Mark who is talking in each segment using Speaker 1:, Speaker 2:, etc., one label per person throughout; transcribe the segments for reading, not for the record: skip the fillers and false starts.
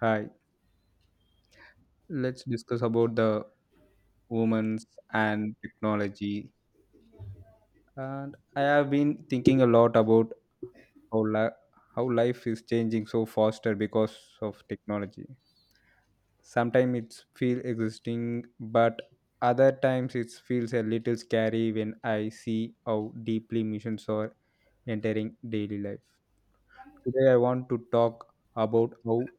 Speaker 1: Hi, let's discuss about the women's and technology. And I have been thinking a lot about how, li- how life is changing so faster because of technology. Sometimes it's feel existing, but other times it feels a little scary when I see how deeply missions are entering daily life. Today I want to talk about how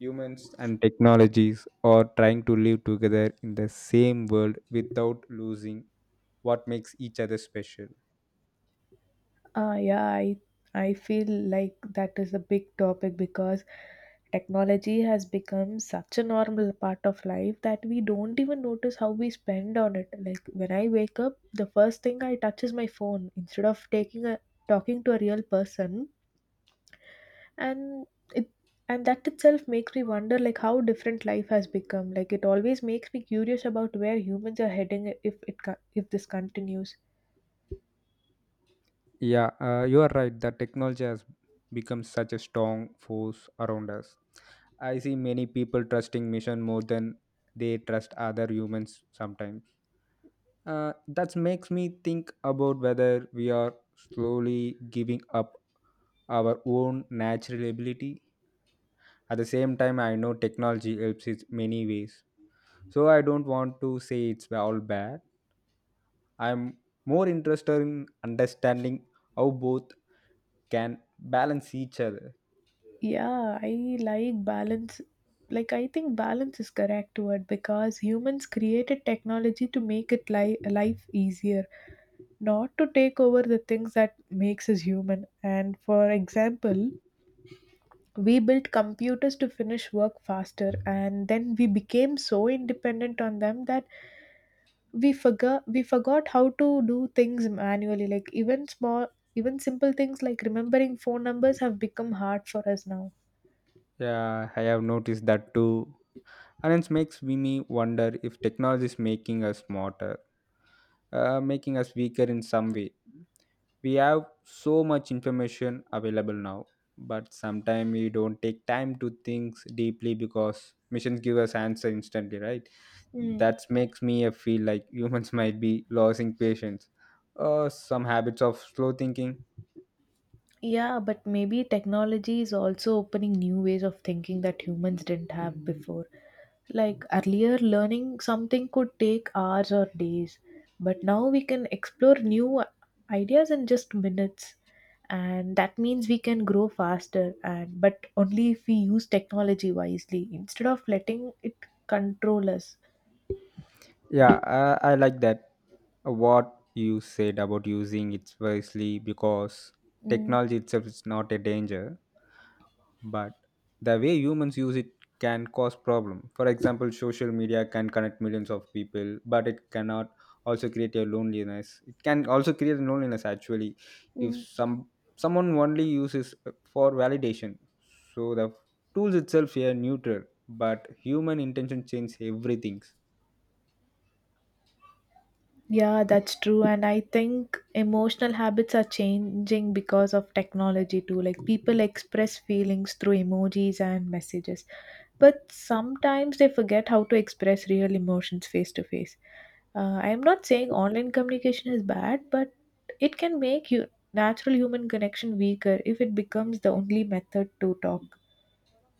Speaker 1: humans and technologies are trying to live together in the same world without losing what makes each other special.
Speaker 2: Uh, yeah, I I feel like that is a big topic because technology has become such a normal part of life that we don't even notice how we spend on it. Like when I wake up, the first thing I touch is my phone instead of taking a talking to a real person, and it and that itself makes me wonder like how different life has become. Like it always makes me curious about where humans are heading if it co- if this continues.
Speaker 1: Yeah, you are right. The technology has become such a strong force around us. I see many people trusting mission more than they trust other humans sometimes. That makes me think about whether we are slowly giving up our own natural ability. At the same time, I know technology helps in many ways, so I don't want to say it's all bad. I'm more interested in understanding how both can balance each other.
Speaker 2: Yeah, I like balance. Like, I think balance is correct word because humans created technology to make life easier, not to take over the things that makes us human. And for example, we built computers to finish work faster, and then we became so independent on them that we forgot how to do things manually. Like even simple things like remembering phone numbers have become hard for us now.
Speaker 1: Yeah, I have noticed that too, and it makes me wonder if technology is making us smarter, making us weaker in some way. We have so much information available now, but sometimes we don't take time to think deeply because missions give us answer instantly, right? That makes me feel like humans might be losing patience or some habits of slow thinking.
Speaker 2: Yeah, but maybe technology is also opening new ways of thinking that humans didn't have. Mhm. Before, like earlier, learning something could take hours or days, but now we can explore new ideas in just minutes. And that means we can grow faster, and but only if we use technology wisely instead of letting it control us.
Speaker 1: Yeah, I like that, what you said about using it wisely, because
Speaker 2: Mm,
Speaker 1: technology itself is not a danger, but the way humans use it can cause problem. For example, social media can connect millions of people, but it cannot also create a loneliness. It can also create a loneliness actually if
Speaker 2: mm.
Speaker 1: someone only uses for validation. So the tools itself are neutral, but human intention change everything.
Speaker 2: Yeah, that's true. And I think emotional habits are changing because of technology too. Like people express feelings through emojis and messages, but sometimes they forget how to express real emotions face to face. I'm not saying online communication is bad, but it can make you natural human connection weaker if it becomes the only method to talk.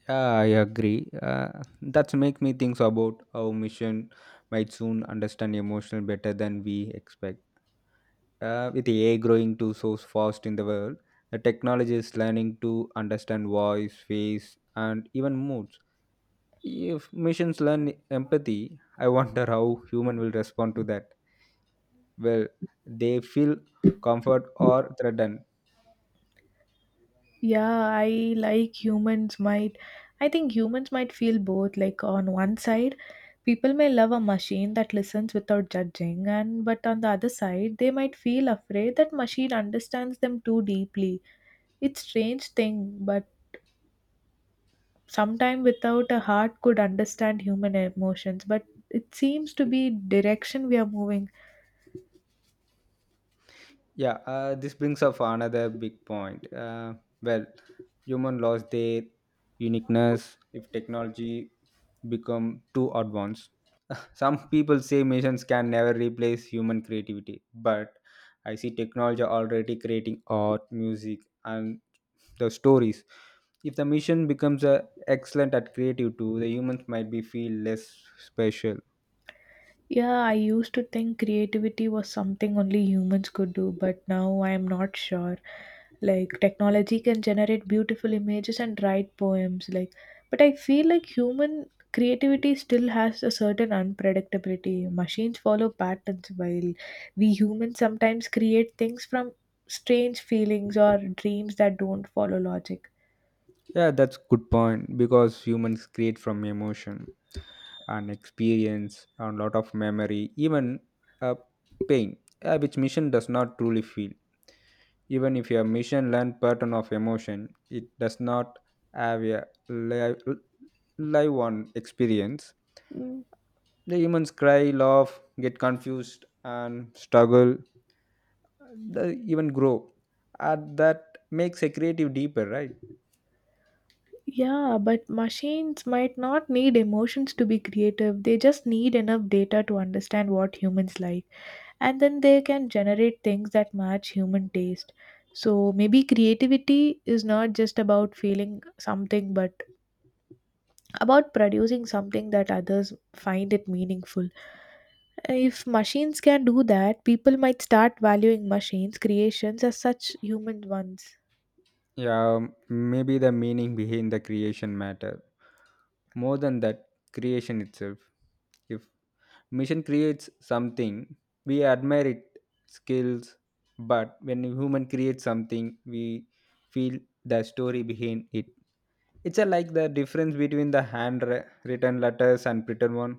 Speaker 1: Yeah, I agree. That's make me think about how mission might soon understand emotional better than we expect. With AI growing to so fast in the world, the technology is learning to understand voice, face, and even moods. If machines learn empathy, I wonder how human will respond to that. Well, they feel comfort or threatened.
Speaker 2: Yeah, I think humans might feel both, like on one side people may love a machine that listens without judging, and but on the other side they might feel afraid that machine understands them too deeply. It's strange thing but sometime without a heart could understand human emotions, but it seems to be direction we are moving.
Speaker 1: Yeah, this brings up another big point. Well, Human lost their uniqueness if technology become too advanced. Some people say machines can never replace human creativity, but I see technology already creating art, music, and the stories. If the machine becomes excellent at creative too, the humans might be feel less special.
Speaker 2: Yeah, I used to think creativity was something only humans could do, but now I am not sure. Like technology can generate beautiful images and write poems like, but I feel like human creativity still has a certain unpredictability. Machines follow patterns while we humans sometimes create things from strange feelings or dreams that don't follow logic.
Speaker 1: Yeah, that's good point because humans create from emotion and experience and lot of memory, even uh, pain, which machine does not truly feel. Even if your mission learned pattern of emotion, it does not have a live, live on experience. The humans cry, laugh, get confused, and struggle, they even grow. And that makes a creative deeper, right?
Speaker 2: Yeah, but machines might not need emotions to be creative. They just need enough data to understand what humans like. And then they can generate things that match human taste. So maybe creativity is not just about feeling something, but about producing something that others find it meaningful. If machines can do that, people might start valuing machines' creations as such human ones.
Speaker 1: Yeah, maybe the meaning behind the creation matter more than that creation itself. If machine creates something, we admire it skills, but when a human creates something, we feel the story behind it. It's a, like the difference between the hand written letters and printed one.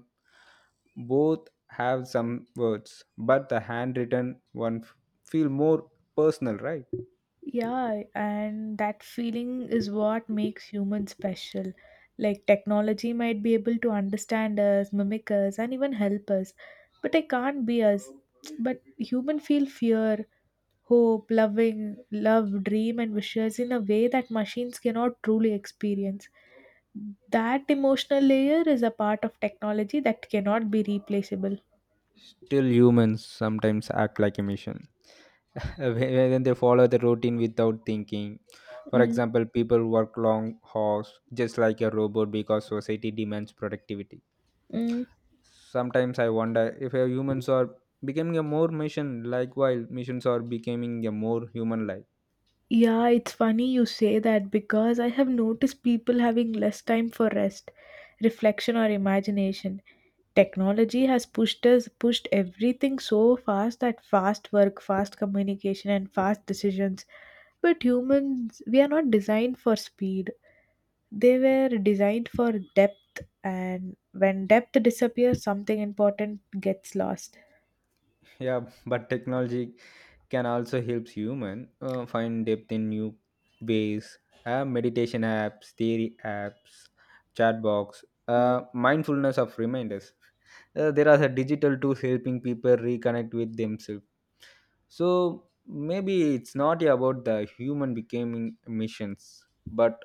Speaker 1: Both have some words, but the handwritten one feel more personal, right?
Speaker 2: Yeah, and that feeling is what makes humans special. Like technology might be able to understand us, mimic us, and even help us, but it can't be us. But human feel fear, hope, loving, love, dream, and wishes in a way that machines cannot truly experience. That emotional layer is a part of technology that cannot be replaceable.
Speaker 1: Still humans sometimes act like a machine when they follow the routine without thinking. For
Speaker 2: Mm,
Speaker 1: example, people work long hours just like a robot because society demands productivity.
Speaker 2: mm.
Speaker 1: Sometimes I wonder if our humans are becoming a more mission like while missions are becoming a more human like.
Speaker 2: Yeah, it's funny you say that because I have noticed people having less time for rest, reflection, or imagination. Technology has pushed everything so fast that fast work, fast communication, and fast decisions. But humans, we are not designed for speed. They were designed for depth, and when depth disappears, something important gets lost.
Speaker 1: Yeah, but technology can also help human find depth in new ways. Have meditation apps, theory apps, chat box, mindfulness of reminders. There are the digital tools helping people reconnect with themselves. So maybe it's not about the human becoming missions, but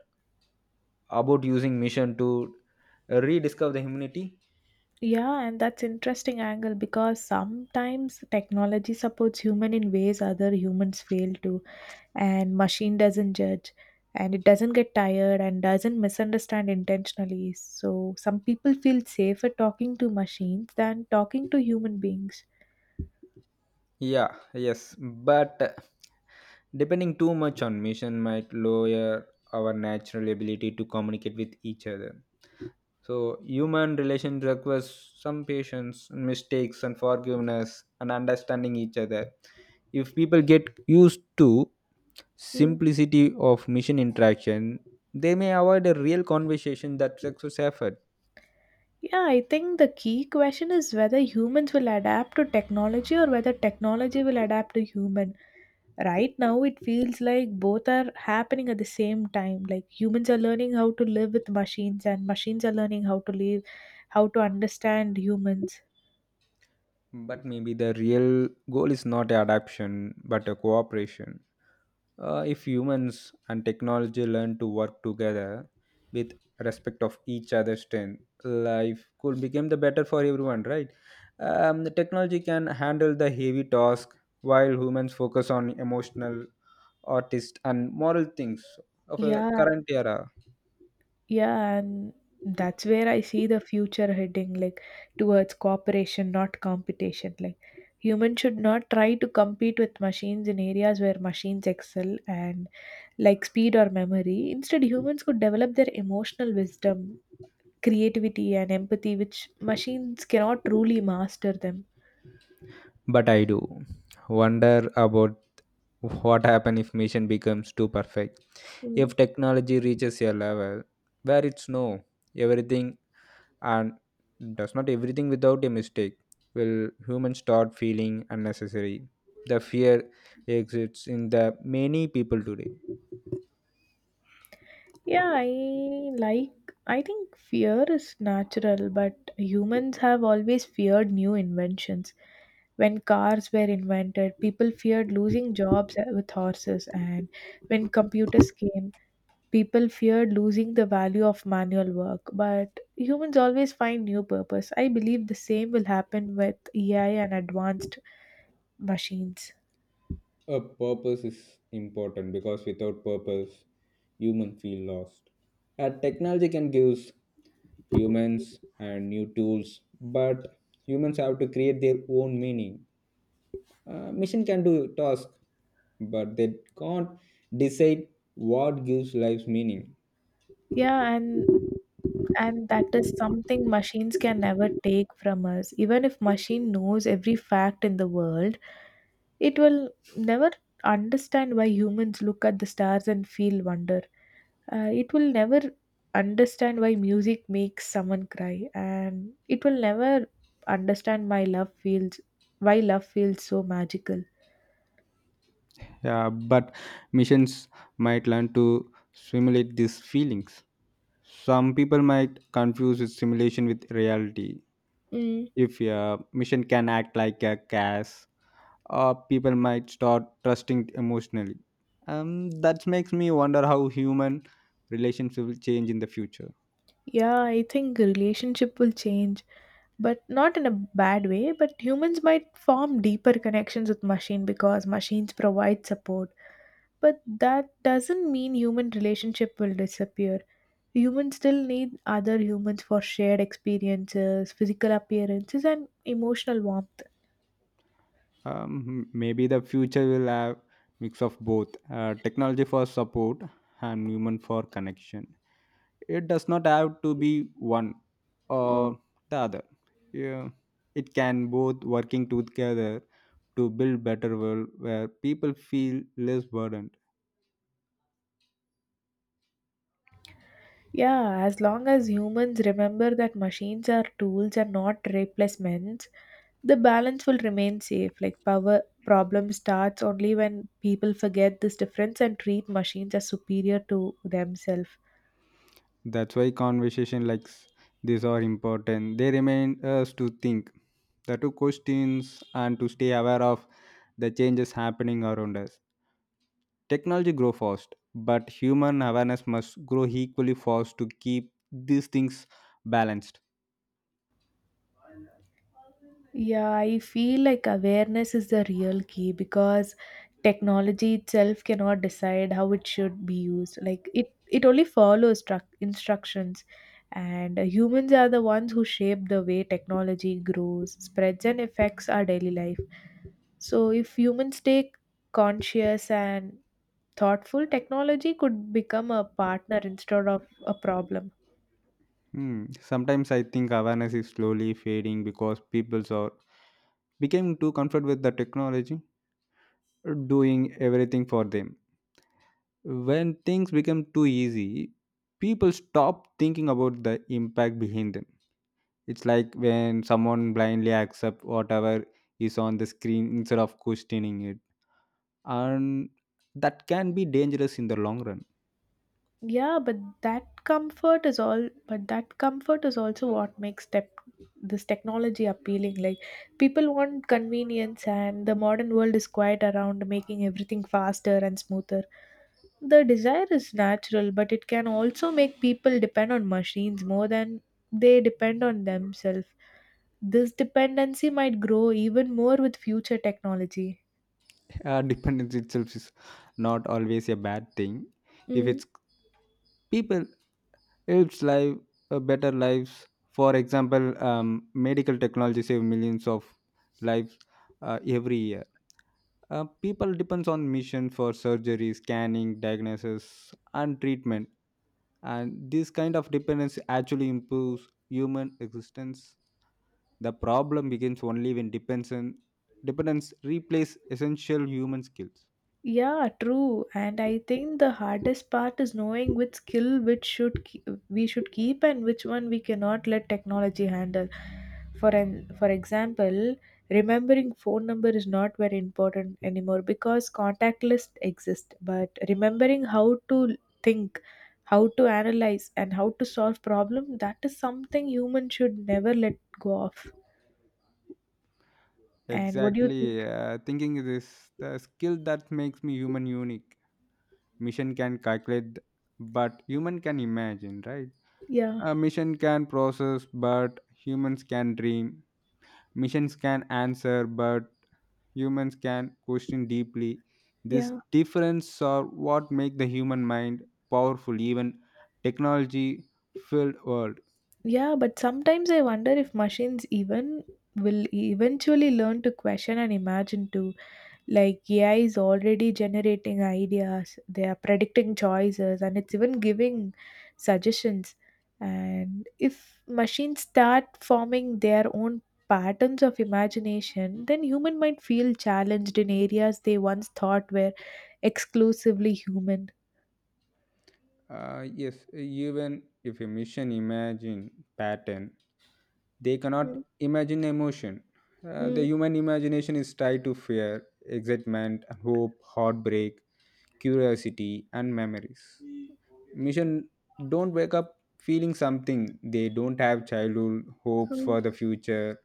Speaker 1: about using mission to rediscover the humanity.
Speaker 2: Yeah, and that's interesting angle because sometimes technology supports human in ways other humans fail to, and machine doesn't judge, and it doesn't get tired and doesn't misunderstand intentionally. So some people feel safer talking to machines than talking to human beings.
Speaker 1: Yeah, yes, but depending too much on mission might lower our natural ability to communicate with each other. So, human relation requires some patience, mistakes, and forgiveness, and understanding each other. If people get used to simplicity of mission interaction, they may avoid a real conversation that success effort.
Speaker 2: Yeah, I think the key question is whether humans will adapt to technology or whether technology will adapt to human. Right now, it feels like both are happening at the same time. Like humans are learning how to live with machines, and machines are learning how to understand humans.
Speaker 1: But maybe the real goal is not adaptation, but a cooperation. If humans and technology learn to work together with respect of each other's strength, life could become the better for everyone, right? The technology can handle the heavy task while humans focus on emotional, artist, and moral things of a
Speaker 2: Yeah,
Speaker 1: current era.
Speaker 2: yeah, and that's where I see the future heading, like towards cooperation, not competition. Like humans should not try to compete with machines in areas where machines excel, and like speed or memory. Instead, humans could develop their emotional wisdom, creativity, and empathy, which machines cannot truly master them.
Speaker 1: But I do wonder about what happen if mission becomes too perfect.
Speaker 2: Mm.
Speaker 1: If technology reaches a level where it's no everything and does not everything without a mistake, will humans start feeling unnecessary? The fear exists in the many people today.
Speaker 2: Yeah, I like. I think fear is natural, but humans have always feared new inventions. When cars were invented, people feared losing jobs with horses, and when computers came, people feared losing the value of manual work, but humans always find new purpose. I believe the same will happen with AI and advanced machines.
Speaker 1: A purpose is important because without purpose, humans feel lost. Technology can give humans and new tools, but humans have to create their own meaning. Machine can do task, but they can't decide what gives life meaning.
Speaker 2: Yeah, and And that is something machines can never take from us. Even if machine knows every fact in the world, it will never understand why humans look at the stars and feel wonder. It will never understand why music makes someone cry, and it will never understand my love feels why love feels so magical.
Speaker 1: Yeah, but missions might learn to simulate these feelings. Some people might confuse its simulation with reality.
Speaker 2: Mm.
Speaker 1: If a mission can act like a gas, people might start trusting it emotionally. That makes me wonder how human relationship will change in the future.
Speaker 2: Yeah, I think relationship will change, but not in a bad way, but humans might form deeper connections with machine because machines provide support. But that doesn't mean human relationship will disappear. Humans still need other humans for shared experiences, physical appearances and emotional warmth.
Speaker 1: Um, maybe the future will have mix of both, technology for support and human for connection. It does not have to be one
Speaker 2: Mm.
Speaker 1: or the other. Yeah, it can both working together to build better world where people feel less burdened.
Speaker 2: Yeah, as long as humans remember that machines are tools and not replacements, the balance will remain safe. Like power problem starts only when people forget this difference and treat machines as superior to themselves.
Speaker 1: That's why conversation like this are important. They remind us to think the two questions and to stay aware of the changes happening around us. Technology grow fast, but human awareness must grow equally fast to keep these things balanced.
Speaker 2: Yeah, I feel like awareness is the real key because technology itself cannot decide how it should be used. Like it only follows struc instructions, and humans are the ones who shape the way technology grows, spreads, and affects our daily life. So, if humans stay conscious and thoughtful, technology could become a partner instead of a problem.
Speaker 1: Hmm. Sometimes I think awareness is slowly fading because people are becoming too comfortable with the technology doing everything for them. When things become too easy, people stop thinking about the impact behind them. It's like when someone blindly accepts whatever is on the screen instead of questioning it, and that can be dangerous in the long run.
Speaker 2: Yeah, but that comfort is also what makes tech this technology appealing. Like people want convenience and the modern world is quite around making everything faster and smoother. The desire is natural, but it can also make people depend on machines more than they depend on themselves. This dependency might grow even more with future technology.
Speaker 1: Dependence itself is not always a bad thing if
Speaker 2: Mm.
Speaker 1: it's people helps life better lives. For example, medical technology save millions of lives every year. Uh, people depends on mission for surgery, scanning, diagnosis and treatment, and this kind of dependence actually improves human existence. The problem begins only when dependence replace essential human skills.
Speaker 2: Yeah, true. And I think the hardest part is knowing which skill which should ke- we should keep and which one we cannot let technology handle. For example, remembering phone number is not very important anymore because contact lists exist, but remembering how to think, how to analyze and how to solve problem, that is something human should never let go of. And what do you
Speaker 1: Exactly.
Speaker 2: think?
Speaker 1: Thinking is the skill that makes me human unique. Mission can calculate, but human can imagine, right?
Speaker 2: Yeah,
Speaker 1: A mission can process, but humans can dream. Missions can answer, but humans can question deeply. This
Speaker 2: yeah.
Speaker 1: difference are what make the human mind powerful, even technology-filled world.
Speaker 2: Yeah, but sometimes I wonder if machines even will eventually learn to question and imagine too. Like AI is already generating ideas, they are predicting choices, and it's even giving suggestions. And if machines start forming their own patterns of imagination, then human might feel challenged in areas they once thought were exclusively human.
Speaker 1: Yes, even if a mission imagine pattern, they cannot
Speaker 2: Mm,
Speaker 1: imagine emotion. The
Speaker 2: mm,
Speaker 1: human imagination is tied to fear, excitement, hope, heartbreak, curiosity, and memories. Mission don't wake up feeling something. They don't have childhood hopes
Speaker 2: mm,
Speaker 1: for the future.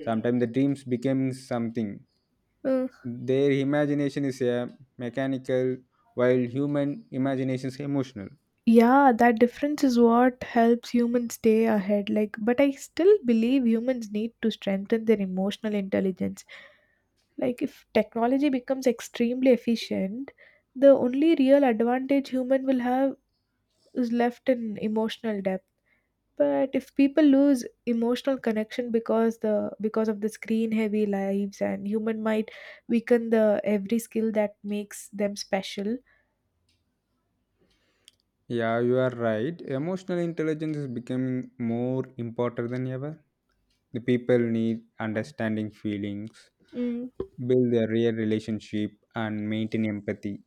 Speaker 1: Sometimes the dreams become something.
Speaker 2: mm.
Speaker 1: Their imagination is a mechanical, while human imagination is emotional.
Speaker 2: Yeah, that difference is what helps humans stay ahead. Like, but I still believe humans need to strengthen their emotional intelligence. Like, if technology becomes extremely efficient, the only real advantage human will have is left in emotional depth. But if people lose emotional connection because the because of the screen heavy lives and human might weaken the every skill that makes them special.
Speaker 1: Yeah, you are right. Emotional intelligence is becoming more important than ever. The people need understanding feelings,
Speaker 2: Mm,
Speaker 1: build a real relationship, and maintain empathy.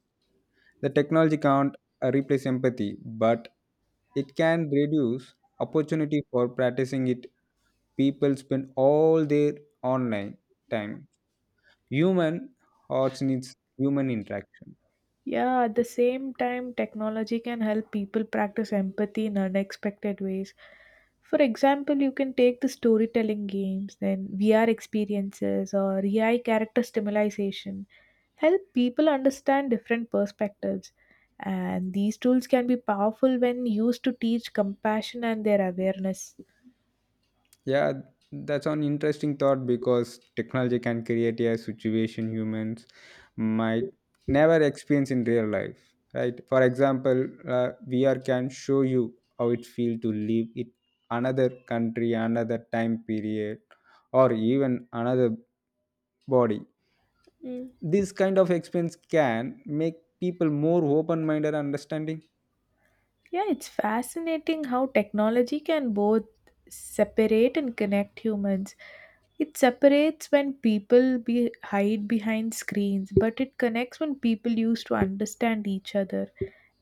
Speaker 1: The technology can't replace empathy, but it can reduce opportunity for practicing it. People spend all their online time. Human hearts needs human interaction.
Speaker 2: yeah, at the same time, technology can help people practice empathy in unexpected ways. For example, you can take the storytelling games, then VR experiences, or AI character stimulation, help people understand different perspectives. And these tools can be powerful when used to teach compassion and their awareness.
Speaker 1: Yeah, that's an interesting thought because technology can create a situation humans might never experience in real life, right? For example, VR can show you how it feels to live in another country, another time period, or even another body. This kind of experience can make people more open-minded, and understanding.
Speaker 2: Yeah, it's fascinating how technology can both separate and connect humans. It separates when people be hide behind screens, but it connects when people use to understand each other.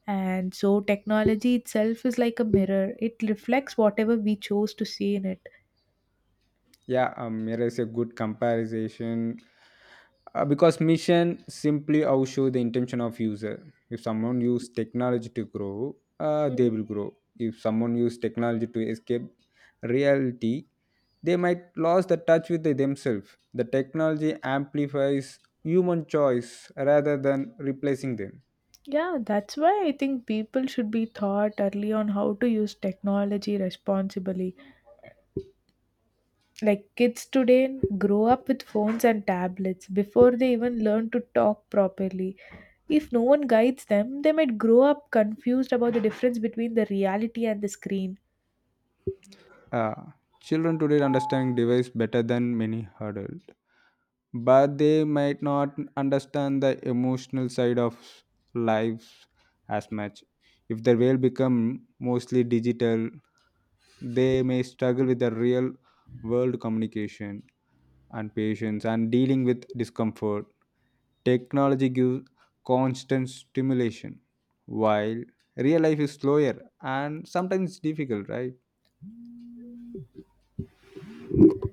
Speaker 2: And so technology itself is like a mirror. It reflects whatever we chose to see in it.
Speaker 1: Yeah, here is a good comparison because mission simply outshine the intention of user. If someone use technology to grow,
Speaker 2: Mm,
Speaker 1: they will grow. If someone use technology to escape reality, they might lose the touch with themselves. The technology amplifies human choice rather than replacing them.
Speaker 2: yeah, that's why I think people should be taught early on how to use technology responsibly. Like kids today grow up with phones and tablets before they even learn to talk properly. If no one guides them, they might grow up confused about the difference between the reality and the screen.
Speaker 1: Uh, children today understand device better than many adults. But they might not understand the emotional side of lives as much. If their world become mostly digital, they may struggle with the real world communication, and patience, and dealing with discomfort. Technology gives constant stimulation, while real life is slower and sometimes difficult, right?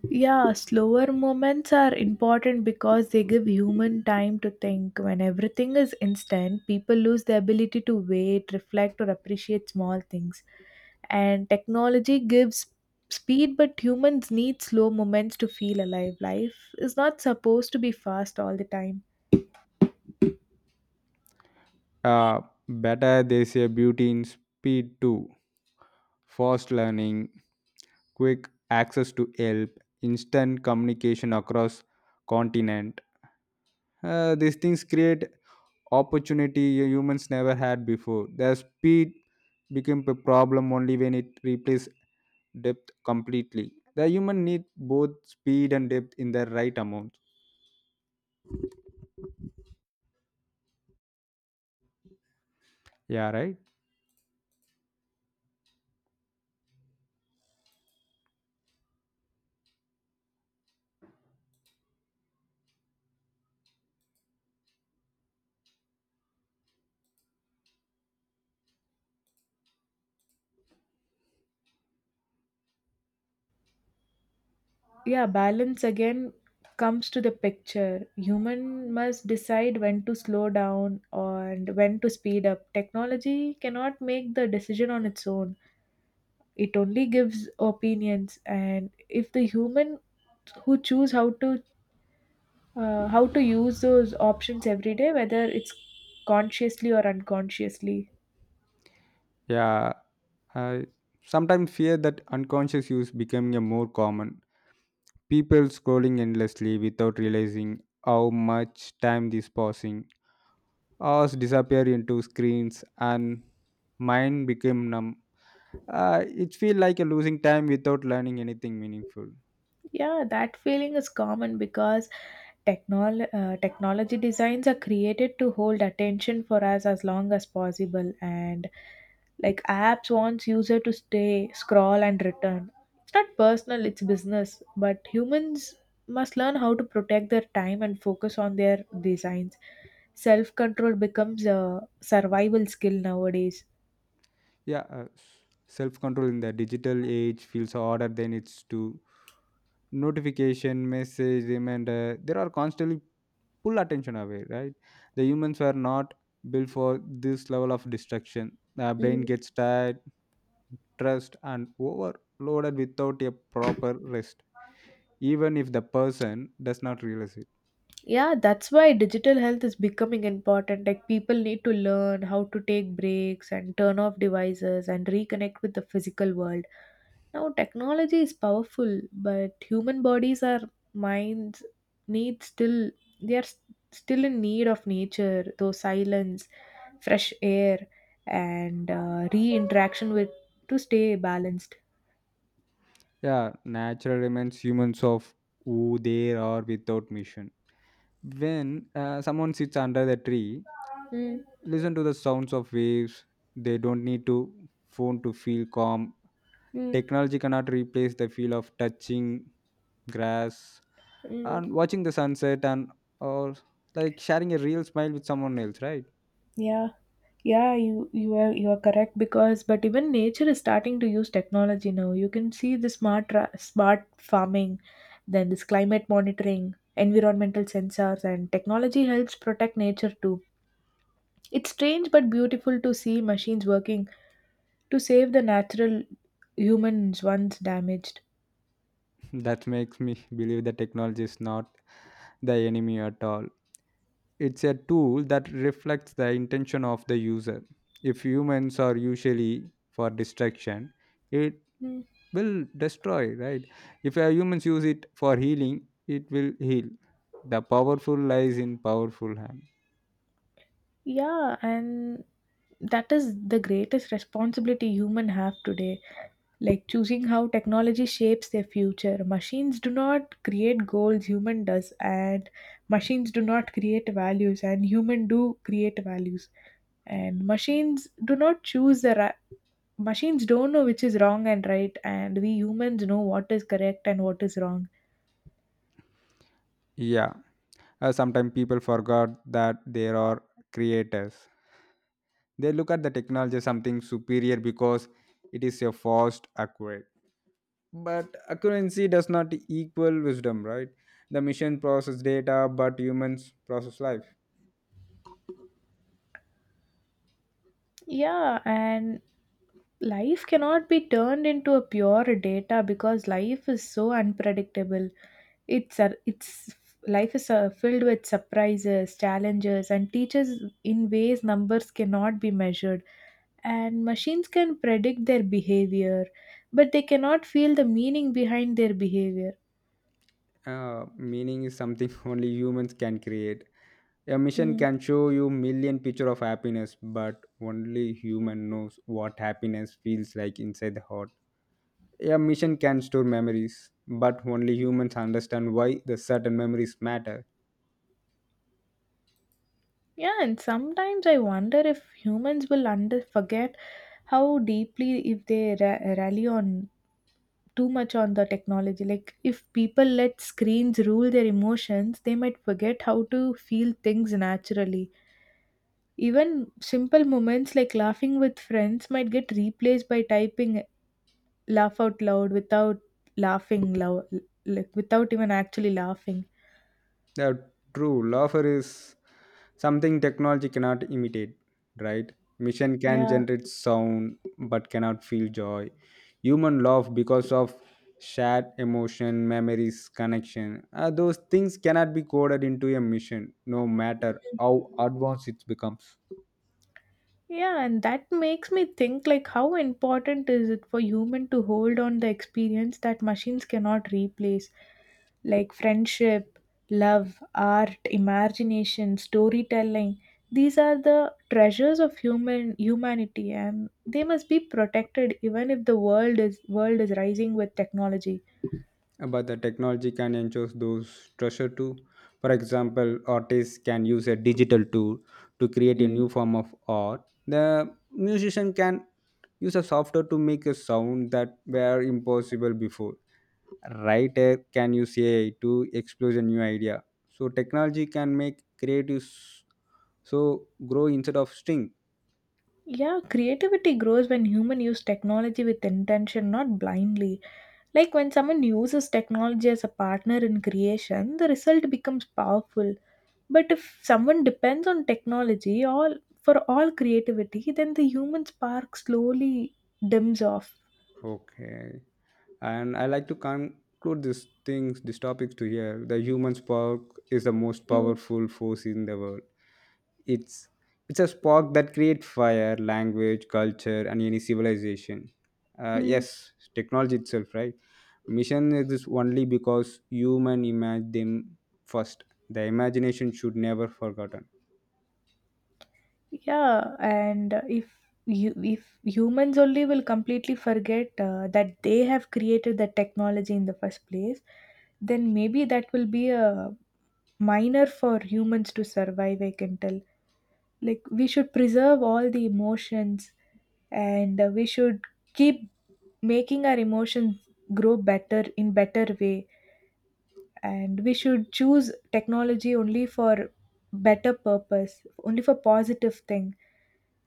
Speaker 2: Yeah, slower moments are important because they give human time to think. When everything is instant, people lose the ability to wait, reflect, or appreciate small things. And technology gives speed, but humans need slow moments to feel alive. Life is not supposed to be fast all the time.
Speaker 1: uh, Better they say beauty in speed too: fast learning, quick access to help, instant communication across continent. These things create opportunity humans never had before. Their speed became a problem only when it replaces depth completely. The human need both speed and depth in the right amount. Yeah, right.
Speaker 2: Yeah, balance again comes to the picture. Human must decide when to slow down and when to speed up. Technology cannot make the decision on its own. It only gives opinions, and if the human who choose how to use those options every day, whether it's consciously or unconsciously.
Speaker 1: Yeah. I sometimes fear that unconscious use becoming a more common. People scrolling endlessly without realizing how much time is passing. Hours disappear into screens and mind became numb. It feels like you're losing time without learning anything meaningful.
Speaker 2: Yeah, that feeling is common because technology designs are created to hold attention for us as long as possible, and like apps wants user to stay scroll and return. It's not personal, it's business, but humans must learn how to protect their time and focus on their designs. Self control becomes a survival skill nowadays.
Speaker 1: Yeah, self control in the digital age feels harder than it's to notification, message, reminder. There are constantly pull attention away, right? The humans were not built for this level of distraction. The brain gets tired, stressed and overloaded without a proper rest, even if the person does not realize it.
Speaker 2: Yeah, that's why digital health is becoming important. Like people need to learn how to take breaks and turn off devices and reconnect with the physical world. Now technology is powerful, but human bodies are minds need still, they are s- still in need of nature, though silence, fresh air, and re-interaction with to stay balanced.
Speaker 1: Yeah, nature reminds humans of who they are without mission. When someone sits under the tree,
Speaker 2: Mm,
Speaker 1: listen to the sounds of waves, they don't need to phone to feel calm.
Speaker 2: mm,
Speaker 1: Technology cannot replace the feel of touching grass
Speaker 2: mm.
Speaker 1: and watching the sunset and or like sharing a real smile with someone else, right?
Speaker 2: Yeah, yeah, you are you are correct, because but even nature is starting to use technology now. You can see the smart farming, then this climate monitoring, environmental sensors, and technology helps protect nature too. It's strange but beautiful to see machines working to save the natural humans once damaged.
Speaker 1: That makes me believe that technology is not the enemy at all. It's a tool that reflects the intention of the user. If humans are usually for destruction, it
Speaker 2: Mm.
Speaker 1: will destroy, right? If humans use it for healing, it will heal. The powerful lies in powerful hand.
Speaker 2: Yeah, and that is the greatest responsibility human have today, like choosing how technology shapes their future. Machines do not create goals, human does, and machines do not create values, and human do create values, and machines do not choose machines don't know which is wrong and right, and we humans know what is correct and what is wrong.
Speaker 1: Yeah. Sometimes people forgot that there are creators. They look at the technology as something superior because it is a fast, accurate. But accuracy does not equal wisdom, right? The machine process data, but humans process life.
Speaker 2: Yeah, and life cannot be turned into a pure data, because life is so unpredictable. It's life is filled with surprises, challenges, and teaches in ways numbers cannot be measured. And machines can predict their behavior, but they cannot feel the meaning behind their behavior.
Speaker 1: Uh, meaning is something only humans can create. A machine
Speaker 2: Mm.
Speaker 1: can show you million picture of happiness, but only human knows what happiness feels like inside the heart. A machine can store memories, but only humans understand why the certain memories matter.
Speaker 2: Yeah, and sometimes I wonder if humans will under forget how deeply, if they rally on too much on the technology. Like if people let screens rule their emotions, they might forget how to feel things naturally. Even simple moments like laughing with friends might get replaced by typing laugh out loud without laughing loud, like without even actually laughing.
Speaker 1: The true lover is something technology cannot imitate, right? Machine can
Speaker 2: Yeah.
Speaker 1: generate sound but cannot feel joy. Human love because of shared emotion, memories, connection. Uh, those things cannot be coded into a machine no matter how advanced it becomes.
Speaker 2: Yeah, and that makes me think like how important is it for human to hold on the experience that machines cannot replace, like friendship, love, art, imagination, storytelling. These are the treasures of human humanity, and they must be protected even if the world is rising with technology.
Speaker 1: But the technology can enhance those treasure too. For example, artists can use a digital tool to create a new form of art. The musician can use a software to make a sound that were impossible before. Writer can use AI to explore a new idea. So technology can make creatives so grow instead of shrink.
Speaker 2: Yeah, creativity grows when human use technology with intention, not blindly. Like when someone uses technology as a partner in creation, the result becomes powerful. But if someone depends on technology all for all creativity, then the human spark slowly dims off.
Speaker 1: Okay. And I like to conclude this things, these topics to here. The human spark is the most
Speaker 2: Mm,
Speaker 1: powerful force in the world. It's it's a spark that creates fire, language, culture and any civilization. Uh,
Speaker 2: mm,
Speaker 1: yes, technology itself, right? Mission exists only because human imagine them first. The imagination should never forgotten.
Speaker 2: yeah, and if you if humans only will completely forget that they have created the technology in the first place, then maybe that will be a minor for humans to survive, I can tell. Like we should preserve all the emotions, and we should keep making our emotions grow better in better way, and we should choose technology only for better purpose, only for positive thing,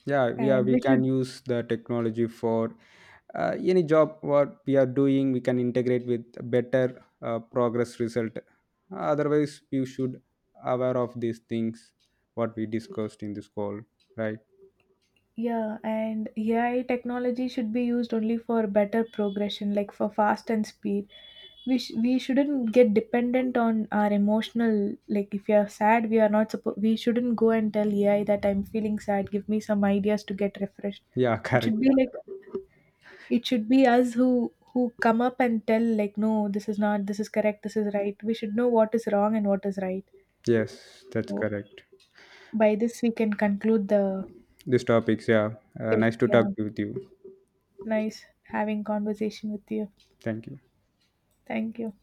Speaker 1: Yeah, yeah,
Speaker 2: and
Speaker 1: we
Speaker 2: we
Speaker 1: can
Speaker 2: should.
Speaker 1: use the technology for any job what we are doing. We can integrate with better progress result. Otherwise you should aware of these things what we discussed in this call, right?
Speaker 2: Yeah, and AI technology should be used only for better progression, like for fast and speed. We shouldn't get dependent on our emotional. Like if you are sad, we are not supposed. We shouldn't go and tell AI that I'm feeling sad. Give me some ideas to get refreshed.
Speaker 1: Yeah,
Speaker 2: It
Speaker 1: correct.
Speaker 2: should be, yeah, like it should be us who come up and tell like no, this is not. This is correct. This is right. We should know what is wrong and what is right.
Speaker 1: Yes, that's
Speaker 2: So
Speaker 1: correct.
Speaker 2: by this we can conclude the
Speaker 1: These topics, yeah. Uh,
Speaker 2: thing.
Speaker 1: nice to talk
Speaker 2: Yeah,
Speaker 1: with you.
Speaker 2: nice having conversation with you.
Speaker 1: Thank you.
Speaker 2: Thank you.